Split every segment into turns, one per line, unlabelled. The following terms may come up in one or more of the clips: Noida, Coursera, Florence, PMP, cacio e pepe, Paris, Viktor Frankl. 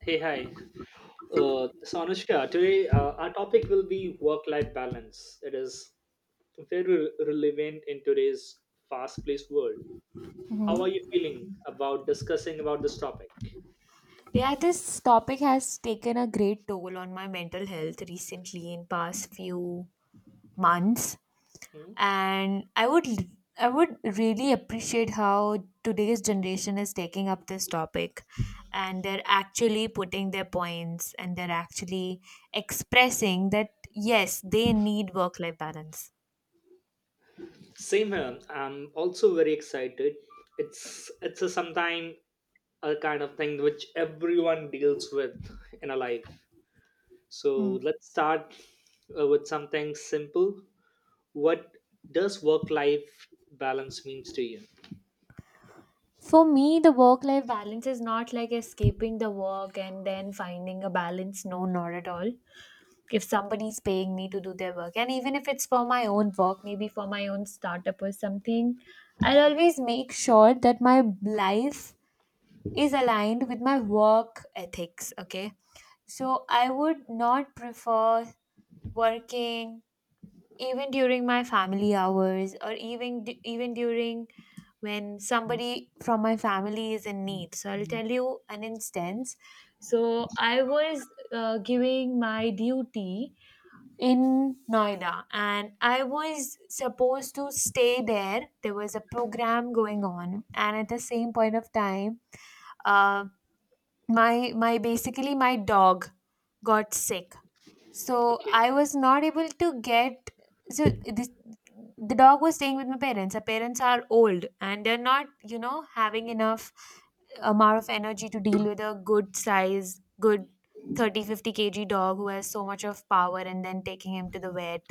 Hey, hi. Anushka, today our topic will be work life balance. It is very relevant in today's fast paced world. How are you feeling about discussing about this topic?
Yeah, this topic has taken a great toll on my mental health recently in past few months,
Hmm?
and I would really appreciate how today's generation is taking up this topic and they're actually putting their points and they're actually expressing that yes, they need work life balance.
Same here. I'm also very excited. It's a sometime a kind of thing which everyone deals with in a life. So let's start with something simple. What does work life balance means to you?
For me, the work life balance is not like escaping the work and then finding a balance. No, not at all, if somebody's paying me to do their work and even if it's for my own work, maybe for my own startup or something, I'll always make sure that my life is aligned with my work ethics, okay? So I would not prefer working even during my family hours or even even during when somebody from my family is in need. So I'll tell you an instance. So I was giving my duty in Noida and I was supposed to stay there. There was a program going on and at the same point of time, uh, my basically my dog got sick. So
Okay.
I was not able to get. So this The dog was staying with my parents. Our parents are old and they're not, you know, having enough amount of energy to deal with a good size, good 30-50 kg dog who has so much of power, and then taking him to the vet,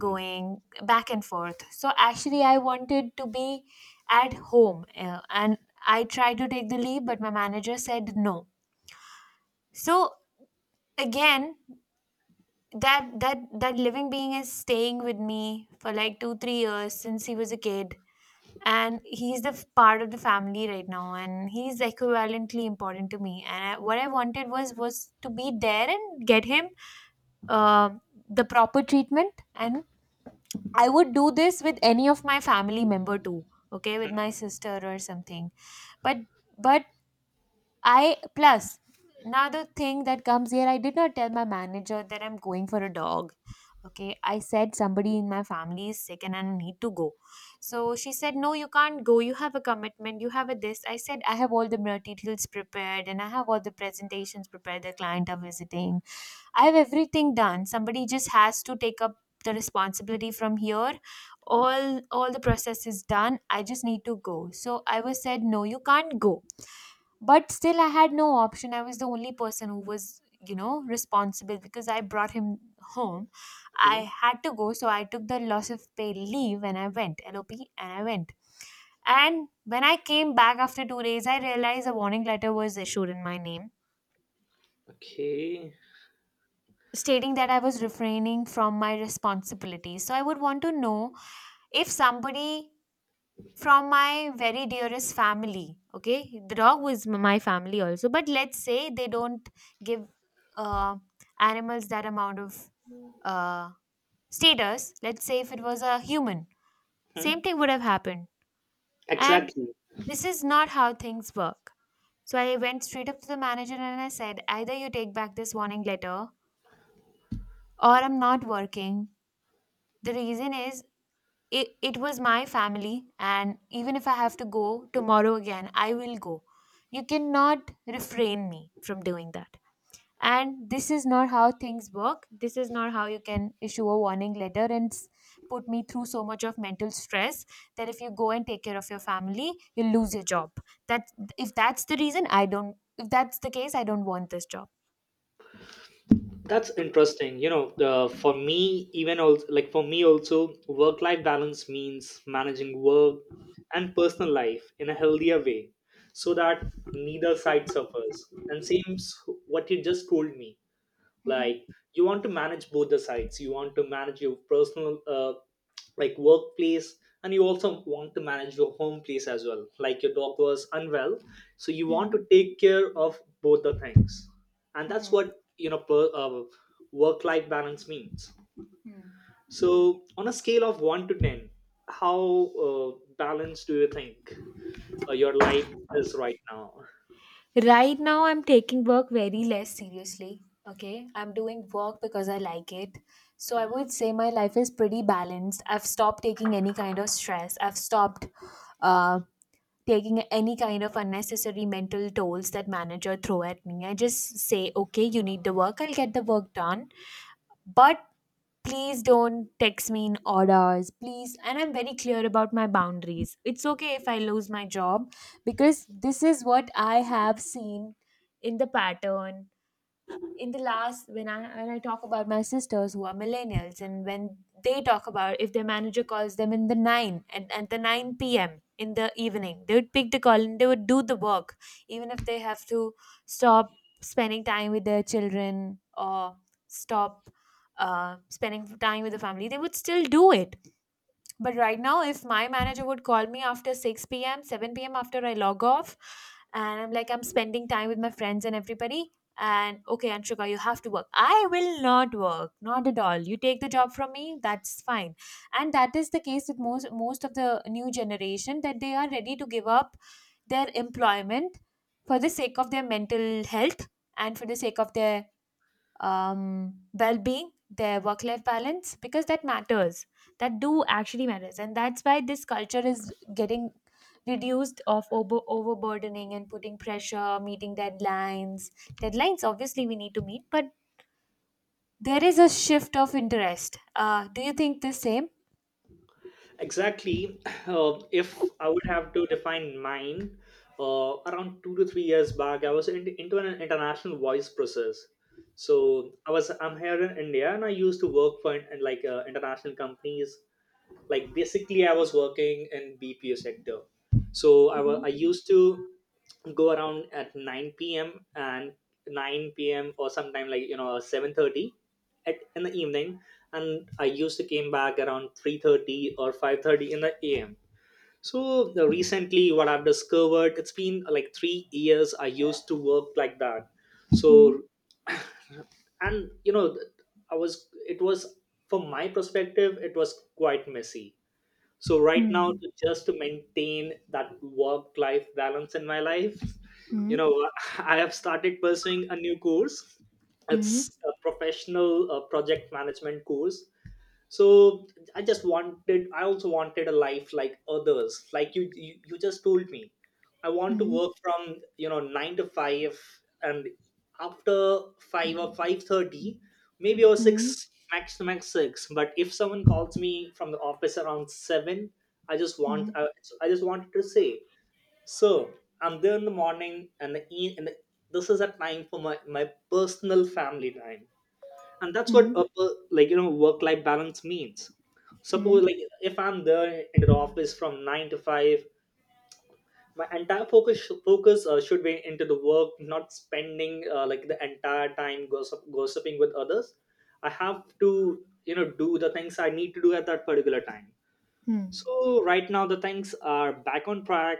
going back and forth. So actually, I wanted to be at home, and I tried to take the leave, but my manager said no. So again, that living being is staying with me for like 2-3 years since he was a kid, and he's the part of the family right now, and he's equivalently important to me, and what I wanted was to be there and get him um the proper treatment, and I would do this with any of my family member too, okay, with my sister or something. But but I plus another thing that comes here, I did not tell my manager that I'm going for a dog. Okay, I said somebody in my family is sick and I need to go. So she said, no, you can't go. You have a commitment. You have a this. I said, I have all the materials prepared and I have all the presentations prepared. The client are visiting. I have everything done. Somebody just has to take up the responsibility from here. All the process is done. I just need to go. So I was said, no, you can't go. But still I had no option. I was the only person who was, you know, responsible because I brought him home.
Hmm.
I had to go, so I took the loss of pay leave and I went, LOP, and I went. And when I came back after 2 days, I realized a warning letter was issued in my name
Okay.
stating that I was refraining from my responsibilities. So I would want to know if somebody from my very dearest family, okay, the dog was my family also, but let's say they don't give uh, animals that amount of uh, status. Let's say if it was a human,
Hmm.
same thing would have happened. And
Exactly.
this is not how things work. So I went straight up to the manager and I said, either you take back this warning letter or I'm not working. The reason is, it was my family, and even if I have to go tomorrow again, I will go. You cannot refrain me from doing that, and this is not how things work. This is not how you can issue a warning letter and put me through so much of mental stress that if you go and take care of your family, you'll lose your job. That, if that's the reason I don't if that's the case, I don't want this job.
That's interesting. You know, for me, even also, like for me also, work-life balance means managing work and personal life in a healthier way so that neither side suffers. And seems what you just told me.
Hmm.
Like, you want to manage both the sides, you want to manage your personal, like, workplace, and you also want to manage your home place as well, like your dog was unwell, so you want to take care of both the things. And that's
Hmm.
what, you know, work life balance means. So on a scale of 1 to 10, how uh, balanced do you think your life is right now?
Right now, I'm taking work very less seriously. Okay, I'm doing work because I like it. So I
Hmm?
would say my life is pretty balanced. I've stopped taking any kind of stress. I've stopped uh, taking any kind of unnecessary mental tolls that manager throw at me. I just say, okay, you need the work, I'll get the work done, but please don't text me in orders, please, and I'm very clear about my boundaries. It's okay if I lose my job, because this is what I have seen in the pattern in the last, when I talk about my sisters who are millennials, and when they talk about, if their manager calls them in the nine and at the 9 p.m. in the evening, they would pick the call and they would do the work, even if they have to stop spending time with their children or stop spending time with the family, they would still do it. But right now, if my manager would call me after 6 p.m., 7 p.m., after I log off, and I'm like, I'm spending time with my friends and everybody. And okay, Anshika, you have to work. I will not work, not at all. You take the job from me, that's fine. And that is the case with most of the new generation, that they are ready to give up their employment for the sake of their mental health and for the sake of their well-being, their work-life balance, because that matters. That do actually matters, and that's why this culture is getting reduced of overburdening and putting pressure, meeting deadlines. Deadlines obviously we need to meet, but there is a shift of interest. Do you think the same?
Exactly. If I would have to define mine, around 2 to 3 years back, I was in, into an international voice process. So I'm here in India, and I used to work for in, like, international companies, like, basically I was working in BPO sector. So I used to go around at 9 p.m and 9 p.m, or sometime, like, you know, 7:30 at in the evening. And I used to came back around 3:30 or 5:30 in the am. So the, recently what I've discovered, it's been like 3 years I used to work like that.
Hmm.
So, and you know I was it was, from my perspective, it was quite messy. So right now,
Hmm.
to just to maintain that work life balance in my life, you
Hmm.
know, I have started pursuing a new course.
Hmm.
It's a professional project management course. So I also wanted a life like others, like, you just told me. I want to
Hmm.
work from, you know, 9 to 5, and after 5 or 5:30 maybe, or
Hmm.
6, max to max 6. But if someone calls me from the office around 7, i just want
Hmm.
i, I just wanted to say, sir, I'm there in the morning, and the this is a time for my personal family time. And that's what,
Hmm.
like, you know, work life balance means. Suppose, like, if I'm there in the office from 9 to 5, my entire focus should be into the work, not spending, like, the entire time gossiping with others. I have to, you know, do the things I need to do at that particular time.
Hmm.
So right now the things are back on track.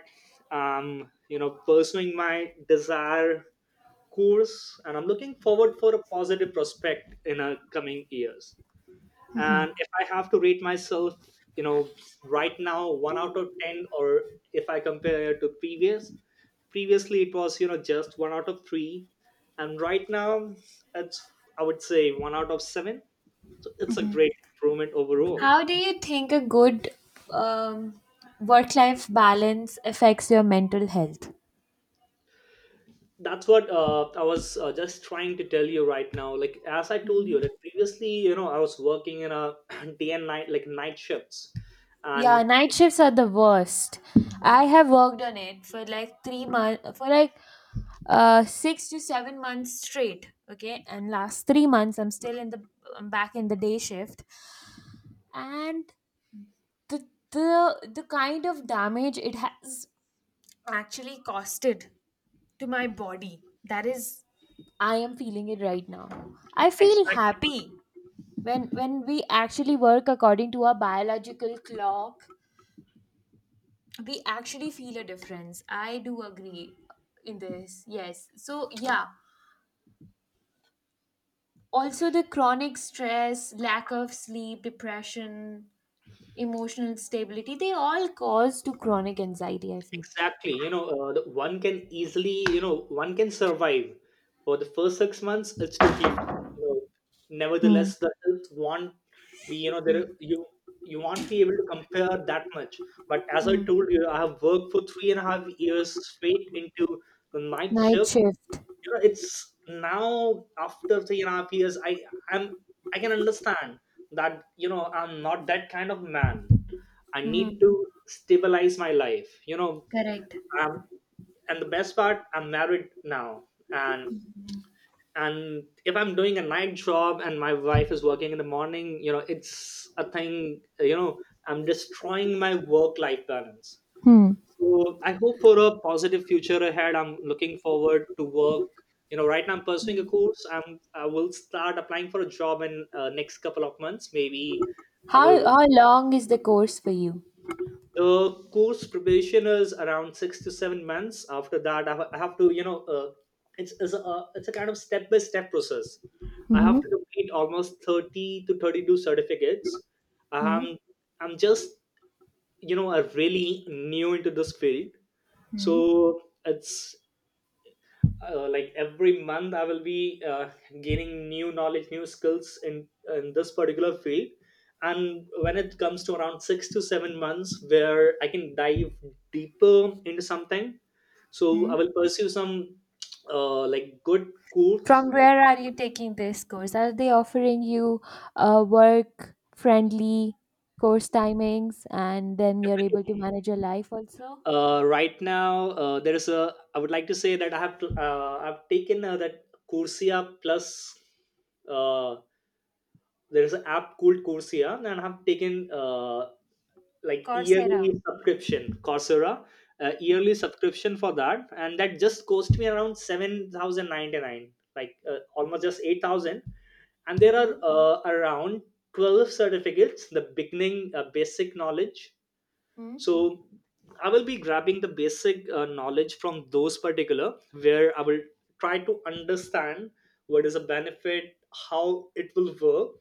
Um, you know, pursuing my desire course, and I'm looking forward for a positive prospect in our coming years. And if I have to rate myself, you know, right now 1 out of 10, or if I compare to previous, previously it was, you know, just 1 out of 3, and right now it's, I would say, 1 out of 7. So it's a great improvement overall.
How do you think a good um, work life balance affects your mental health?
That's what I was just trying to tell you right now, like, as I told you that previously, you know, I was working in a day and night, like night shifts. And
Yeah, night shifts are the worst. I have worked on it for like 3 months, for like 6 to 7 months straight. Okay, and last 3 months I'm still in the, I'm back in the day shift, and the the kind of damage it has actually costed to my body. That is, I am feeling it right now. I feel
exactly.
happy when we actually work according to our biological clock, we actually feel a difference. I do agree in this, yes. So yeah, also the chronic stress, lack of sleep, depression, emotional stability, they all cause to chronic anxiety, I feel.
Exactly, you know, one can easily, you know, one can survive for the first 6 months, it's totally fine, you know.
Hmm.
Nevertheless, the health won't be, you know, there, you won't be able to compare that much. But as I
Hmm.
told you, I have worked for 3.5 years straight into the night
Night
shift.
shift.
You know, it's now after 3.5 years, i'm I can understand that, you know, I'm not that kind of man. I need to stabilize my life, you know.
Correct.
I'm And the best part, I'm married now. and and if I'm doing a night job and my wife is working in the morning, you know, it's a thing, you know, I'm destroying my work life balance. So I hope for a positive future ahead. I'm looking forward to work. You know, right now I'm pursuing a course. I will start applying for a job in next couple of months maybe. I
how
will.
how long is the course for you?
The course preparation is around 6 to 7 months. After that I have to, you know, it's a kind of step by step process. I have to complete almost 30 to 32 certificates.
Hmm.
um, I'm just, you know, I really new into this field. So it's, like, every month I will be gaining new knowledge, new skills, in this particular field. And when it comes to around 6 to 7 months, where I can dive deeper into something, so I will pursue some, like, good course.
From where are you taking this course? Are they offering you work friendly course timings and then you're able to manage your life also?
Right now there is a, I would like to say that I've taken that Coursera Plus. uh, there is an app called Coursera, and I have taken, like,
Coursera.
yearly subscription Coursera,
Mm-hmm.
yearly subscription for that, and that just cost me around 7,099, like, almost just 8,000. And there are, around 12 certificates, the beginning, basic knowledge.
Mm-hmm.
So I will be grabbing the basic knowledge from those particular, where I will try to understand what is a benefit, how it will work.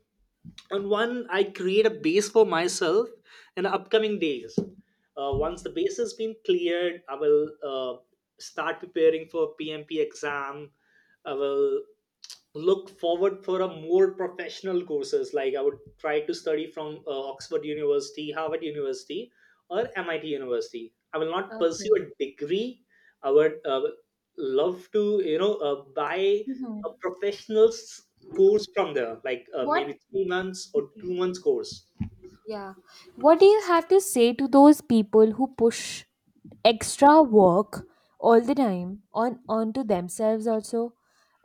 And one I create a base for myself in the upcoming days, once the base has been cleared, I will start preparing for PMP exam. I will look forward for a more professional courses. Like, I would try to study from oxford university, harvard university, or MIT university. I will not pursue a
Okay.
degree. I would, love to, you know, buy
Hmm.
a professional's course from there, like,
What
maybe 3 months or 2 months course.
Yeah. What do you have to say to those people who push extra work all the time on onto themselves also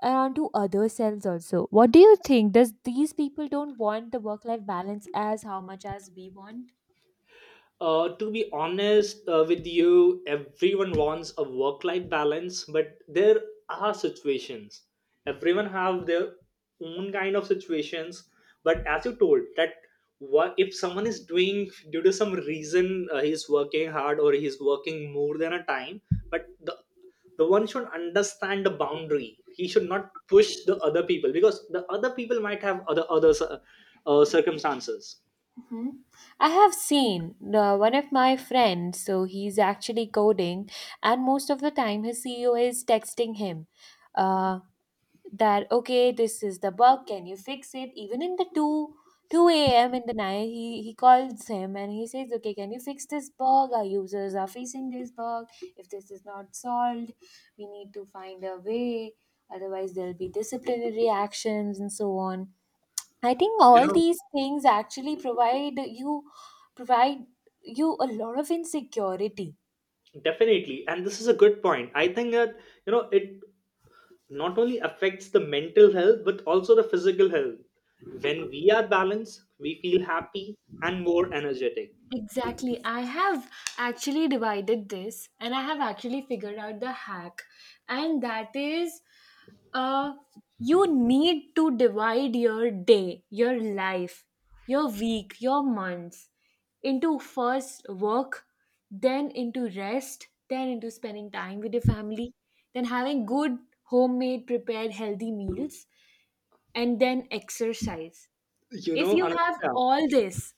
and onto other selves also? What do you think? Does these people don't want the work life balance as how much as we want?
To be honest with you, everyone wants a work-life balance, but there are situations. Everyone have their own kind of situations. But as you told, that what if someone is doing due to some reason, he's working hard or he's working more than a time, but the one should understand the boundary. He should not push the other people because the other people might have other circumstances.
Hmm. I have seen one of my friends, so he's actually coding, and most of the time his CEO is texting him. Uh, that okay, this is the bug, can you fix it? Even in the 2 a.m. in the night, he calls him and he says, okay, can you fix this bug? Our users are facing this bug. If this is not solved, we need to find a way, otherwise there'll be disciplinary actions and so on. I think
You
all
know,
these things actually provide you a lot of insecurity.
definitely, and this is a good point. I think that, you know, it not only affects the mental health but also the physical health. When we are balanced, we feel happy and more energetic.
Exactly. I have actually divided this and I have actually figured out the hack. And that is, uh you need to divide your day, your life, your week, your months into first work, then into rest, then into spending time with your family, then having good homemade prepared healthy meals, and then exercise.
You
If
know,
you have
Anushka.
all this,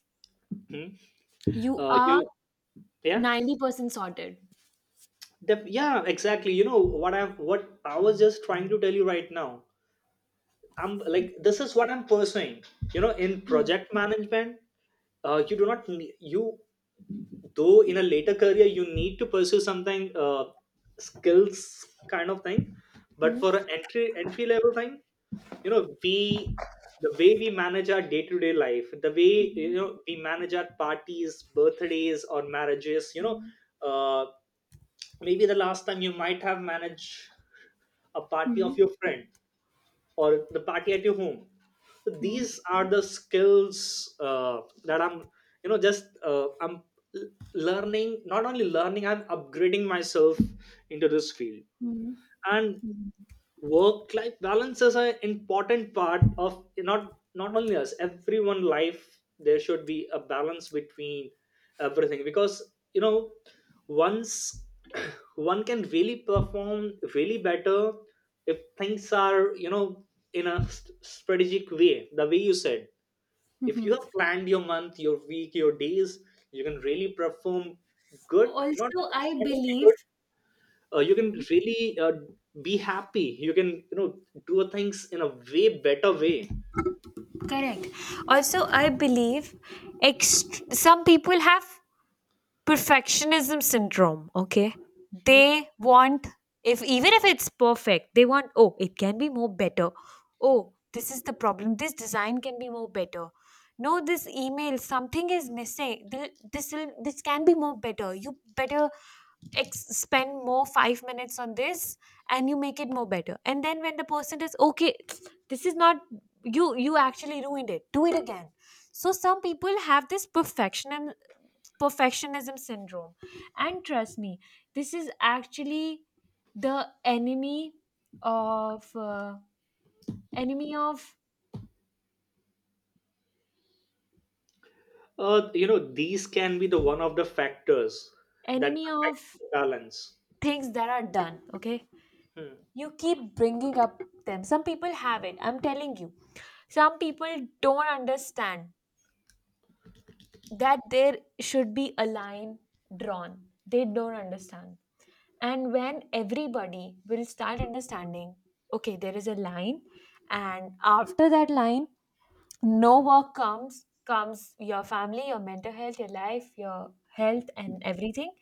Hmm.
you
Uh,
are
you, yeah.
90% sorted.
Yeah, exactly. You know what I am, what I was just trying to tell you right now. I'm like, this is what I'm pursuing, you know, in
Hmm.
project management. You do not ne- You, though, in a later career you need to pursue something, skills kind of thing. But
Hmm.
for an entry level thing, you know, we the way we manage our day-to-day life, the way, you know, we manage our parties, birthdays or marriages, you know, uh, maybe the last time you might have managed a party of your friend or the party at your home. So these are the skills that I'm you know just I'm learning, not only learning, I'm upgrading myself into this field. And work life balance is an important part of not only us, everyone life. There should be a balance between everything because, you know, once one can really perform really better if things are, you know, in a strategic way, the way you said. If you have planned your month, your week, your days, you can really perform good. Not
Also, I
not only
believe,
good You can really be happy, you can, you know, do things in a way better way.
Correct. Also, I believe some people have perfectionism syndrome, okay?
Hmm.
They want, if even if it's perfect, they want, oh, it can be more better. Oh, this is the problem. This design can be more better. No, this email, something is missing. This can be more better. You better spend more 5 minutes on this and you make it more better, and then when the person is okay, this is not, you actually ruined it, do it again. So some people have this perfectionism syndrome, and trust me, this is actually the of uh, enemy of
You know these can be the one of the factors that
enemy
affects
of
the balance.
things that are done, okay?
Hmm.
You keep bringing up them. Some people have it, I'm telling you. Some people don't understand that there should be a line drawn. They don't understand. And when everybody will start understanding, okay, there is a line, and after that line, no work comes your family, your mental health, your life, your health, and everything.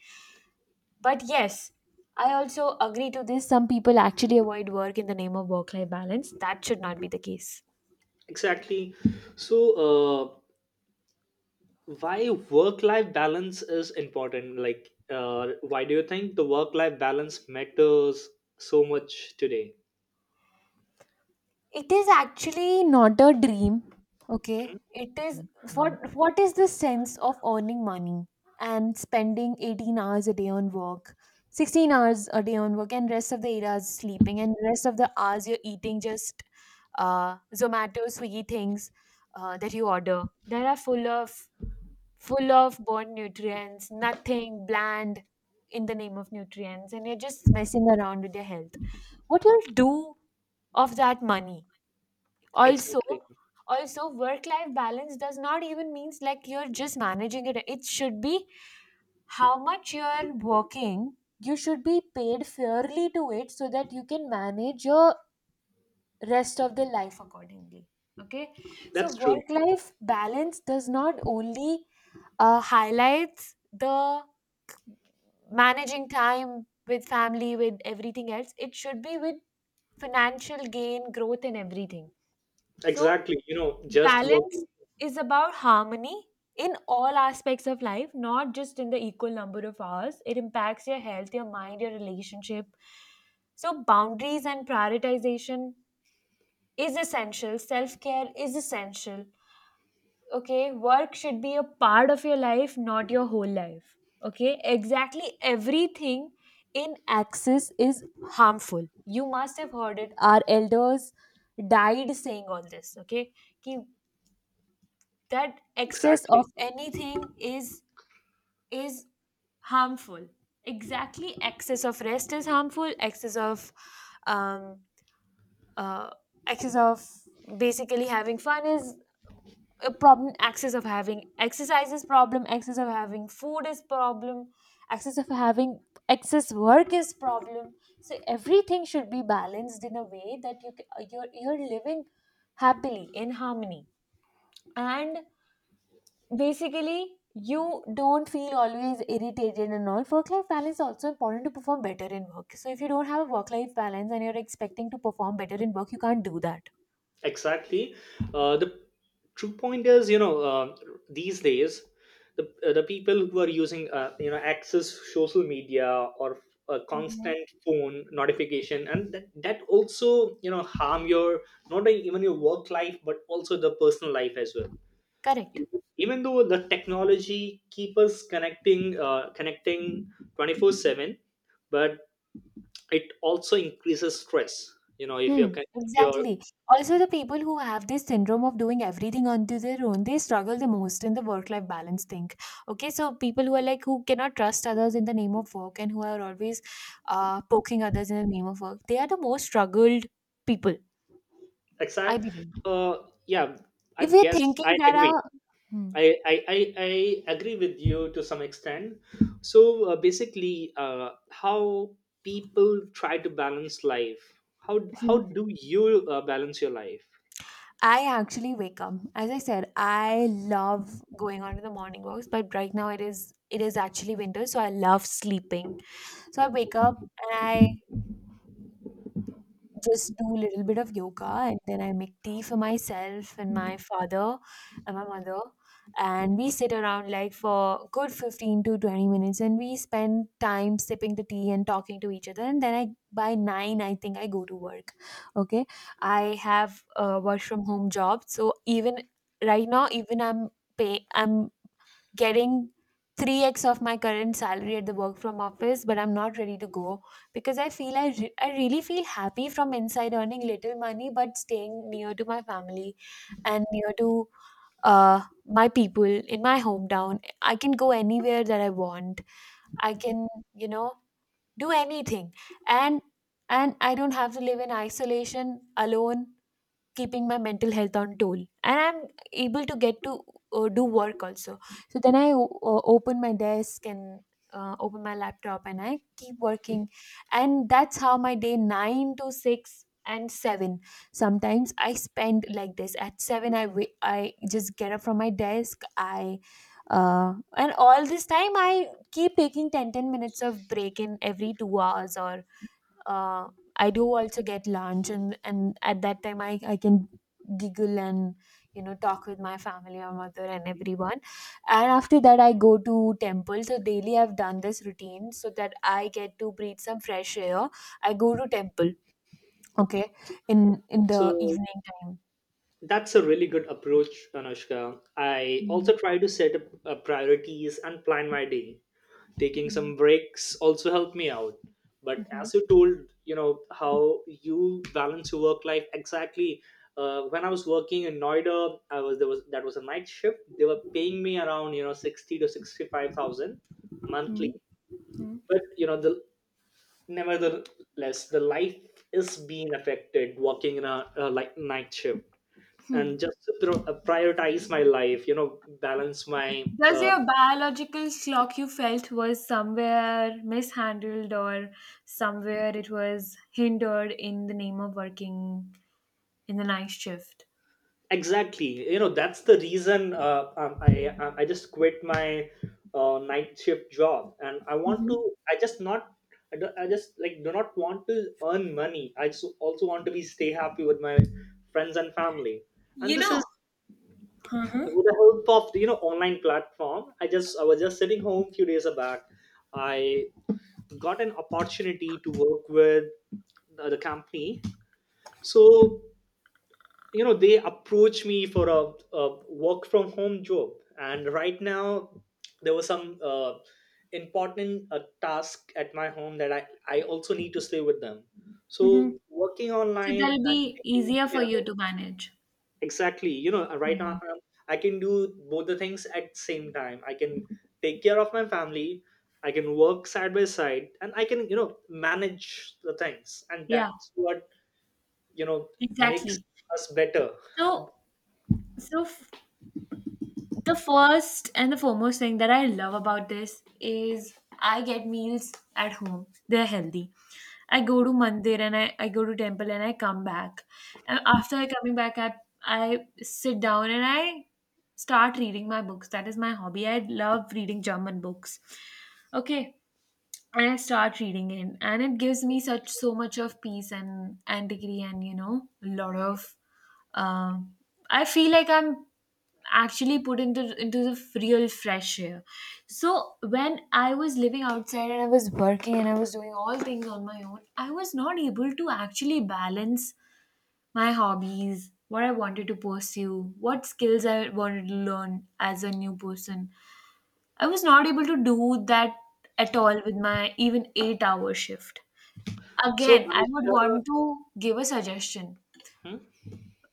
But yes, I also agree to this. Some people actually avoid work in the name of work life balance. That should not be the case.
Exactly. So, uh, why work life balance is important, like, why do you think the work life balance matters so much today?
It is actually not a dream, okay? It is what is the sense of earning money and spending 18 hours a day on work, 16 hours a day on work, and rest of the 8 hours sleeping, and rest of the hours you're eating just Zomato, Swiggy things that you order. That are full of born nutrients, nothing bland in the name of nutrients, and you're just messing around with your health. What you'll do of that money? Also,
Exactly.
also work life balance does not even means like you're just managing it, it should be how much you're working, you should be paid fairly to it so that you can manage your rest of the life accordingly. Okay, so
That's true.
work life balance does not only highlights the managing time with family with everything else, it should be with financial gain, growth, and everything. So
Exactly, you know, just work.
balance is about harmony in all aspects of life, not just in the equal number of hours. It impacts your health, your mind, your relationship. So, boundaries and prioritization is essential, self care is essential. Okay, work should be a part of your life, not your whole life. Okay, exactly, everything in excess is harmful. You must have heard it. Our elders died saying all this. Okay, कि that excess of
Exactly.
anything is harmful. Exactly, excess of rest is harmful, um uh excess of basically having fun is a problem, excess of having exercise is problem, excess of having food is problem, excess of having excess work is problem. So everything should be balanced in a way that you're living happily in harmony, and basically you don't feel always irritated and all. Work life balance is also important to perform better in work, so if you don't have a work life balance and you're expecting to perform better in work, you can't do that.
Exactly. The true point is, you know, these days, the people who are using, you know, access social media, or a constant phone notification, and that also, you know, harm your not only even your work life but also the personal life as well.
Correct.
Even though the technology keep us connecting, connecting 24/7, but it also increases stress. You know, if
Hmm.
if you're.
Exactly, also the people who have this syndrome of doing everything onto their own, they struggle the most in the work life balance thing. Okay, so people who are like who cannot trust others in the name of work and who are always poking others in the name of work, they are the most struggled people, I
Exact.
believe.
Uh, yeah, I
If we're
guess
thinking
I
there
agree.
are. Hmm.
I, I, I, I agree with you to some extent. So, basically, how people try to balance life. How
Mhm.
do you balance your life?
I actually wake up. As I said, I love going on to the morning walks, but right now it is actually winter, so I love sleeping. So I wake up and I just do a little bit of yoga, and then I make tea for myself and my father and my mother. And we sit around like for good 15 to 20 minutes and we spend time sipping the tea and talking to each other. And then I, by 9, I think, I go to work. Okay. I have a work from home job. So even right now, even I'm pay, I'm getting 3x of my current salary at the work from office, but I'm not ready to go because I feel I, I really feel happy from inside earning little money but staying near to my family and near to uh my people in my hometown. I can go anywhere that I want, I can, you know, do anything, and and I don't have to live in isolation alone keeping my mental health on tool, and I'm able to get to do work also. So then I open my desk and open my laptop and I keep working, and that's how my day 9 to 6 and 7. Sometimes I spend like this, at 7 I I just get up from my desk, I uh, and all this time I keep taking 10 10 minutes of break in every 2 hours or uh, I do also get lunch, and at that time I can giggle and, you know, talk with my family or mother and
Hmm.
everyone. And after that, I go to temple. So daily I've done this routine so that I get to breathe some fresh air. I go to temple, okay, in the
So
evening time.
that's a really good approach, Anushka. I also try to set up priorities and plan my day. Taking some breaks also helped me out. But
Mm-hmm.
as you told, you know, how you balance your work life, exactly, when I was working in Noida, I was there was, that was a night shift. They were paying me around, you know, 60 to 65,000 monthly. But you know the, nevertheless, the life is being affected working in a like night shift. And just to prioritize my life, you know, balance my,
Does
uh,
your biological clock you felt was somewhere mishandled or somewhere it was hindered in the name of working in the night shift?
exactly. You know, that's the reason, I just quit my night shift job, and I want to. I just not. I just, like, do not want to earn money. I just also want to be stay happy with my friends and family. And this is with the help of the, you know, online platform. I just I was just sitting home few days back. I got an opportunity to work with the company. So, you know, they approached me for a work from home job. And right now there was some important task at my home, that I also need to stay with them.
Hmm.
So working
So
online and
that'll be
taking
easier for
care
you
of,
to manage.
exactly, you know, right now, I can do both the things at same time. I can take care of my family, I can work side by side, and I can, you know, manage the things. And
Yeah,
that's what, you know, makes
exactly.
us better.
So, so, the first and the foremost thing that I love about this is I get meals at home. They're healthy. I go to mandir and I go to temple and I come back. And after I coming back, I sit down and I start reading my books. That is my hobby. I love reading German books. Okay. And I start reading it, and it gives me such so much of peace and antiquity, and you know, a lot of. Um, I feel like I'm actually put into into the real fresh air. So when I was living outside and I was working and I was doing all things on my own, I was not able to actually balance my hobbies, what I wanted to pursue, what skills I wanted to learn as a new person. I was not able to do that at all with my even 8-hour shift.
So,
Again, I would
Anushka,
want to give a suggestion.
hmm?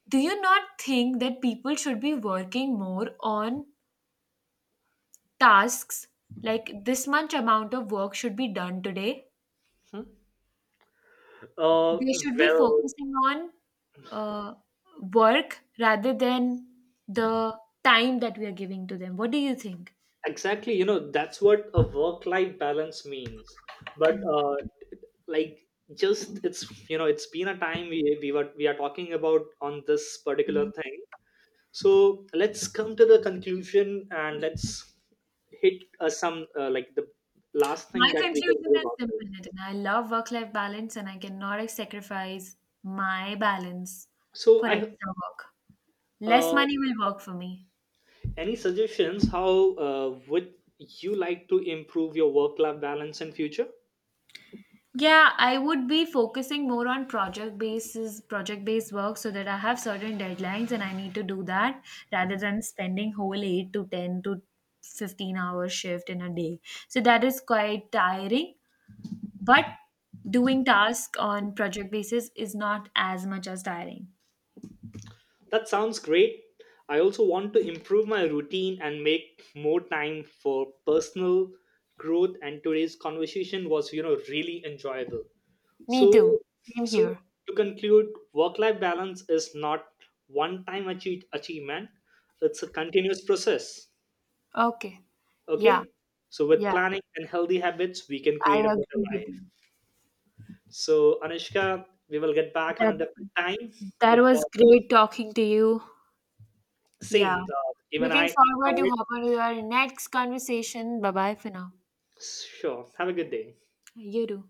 Do you not think that people should be working more on tasks, like this much amount of work should be done today?
Hmm? uh,
They should be
well,
focusing on uh, work rather than the time that we are giving to them. What do you think?
exactly, you know, that's what a work-life balance means. But, like, just it's, you know, it's been a time we are talking about on this particular thing. So let's come to the conclusion, and let's hit, some, like, the last
My
thing that we can
conclusion
do
is
about this.
simple, Nitin. I love work-life balance and I cannot sacrifice my balance
So,
for
I,
extra work. Less
uh,
money will work for me.
any suggestions how would you like to improve your work-life balance in future?
Yeah, I would be focusing more on project basis, project-based work so that I have certain deadlines and I need to do that rather than spending whole 8 to 10 to 15 hour shift in a day. So that is quite tiring, but doing task on project basis is not as much as tiring.
That sounds great. I also want to improve my routine and make more time for personal growth. And today's conversation was, you know, really enjoyable.
Me too.
So,
Same
so
here.
to conclude, work life balance is not one time achievement. It's a continuous process.
Okay. Yeah,
Okay? So with
yeah,
planning and healthy habits we can
I
create a better
agree with you.
life. So, Anushka, we will get back on
That
a different time.
that
It
was
was
great talking to you. Yeah.
same. Even
Looking
I
forward to
enjoyed.
hop on to our next conversation. Bye bye for now.
Sure. Have a good day.
You do.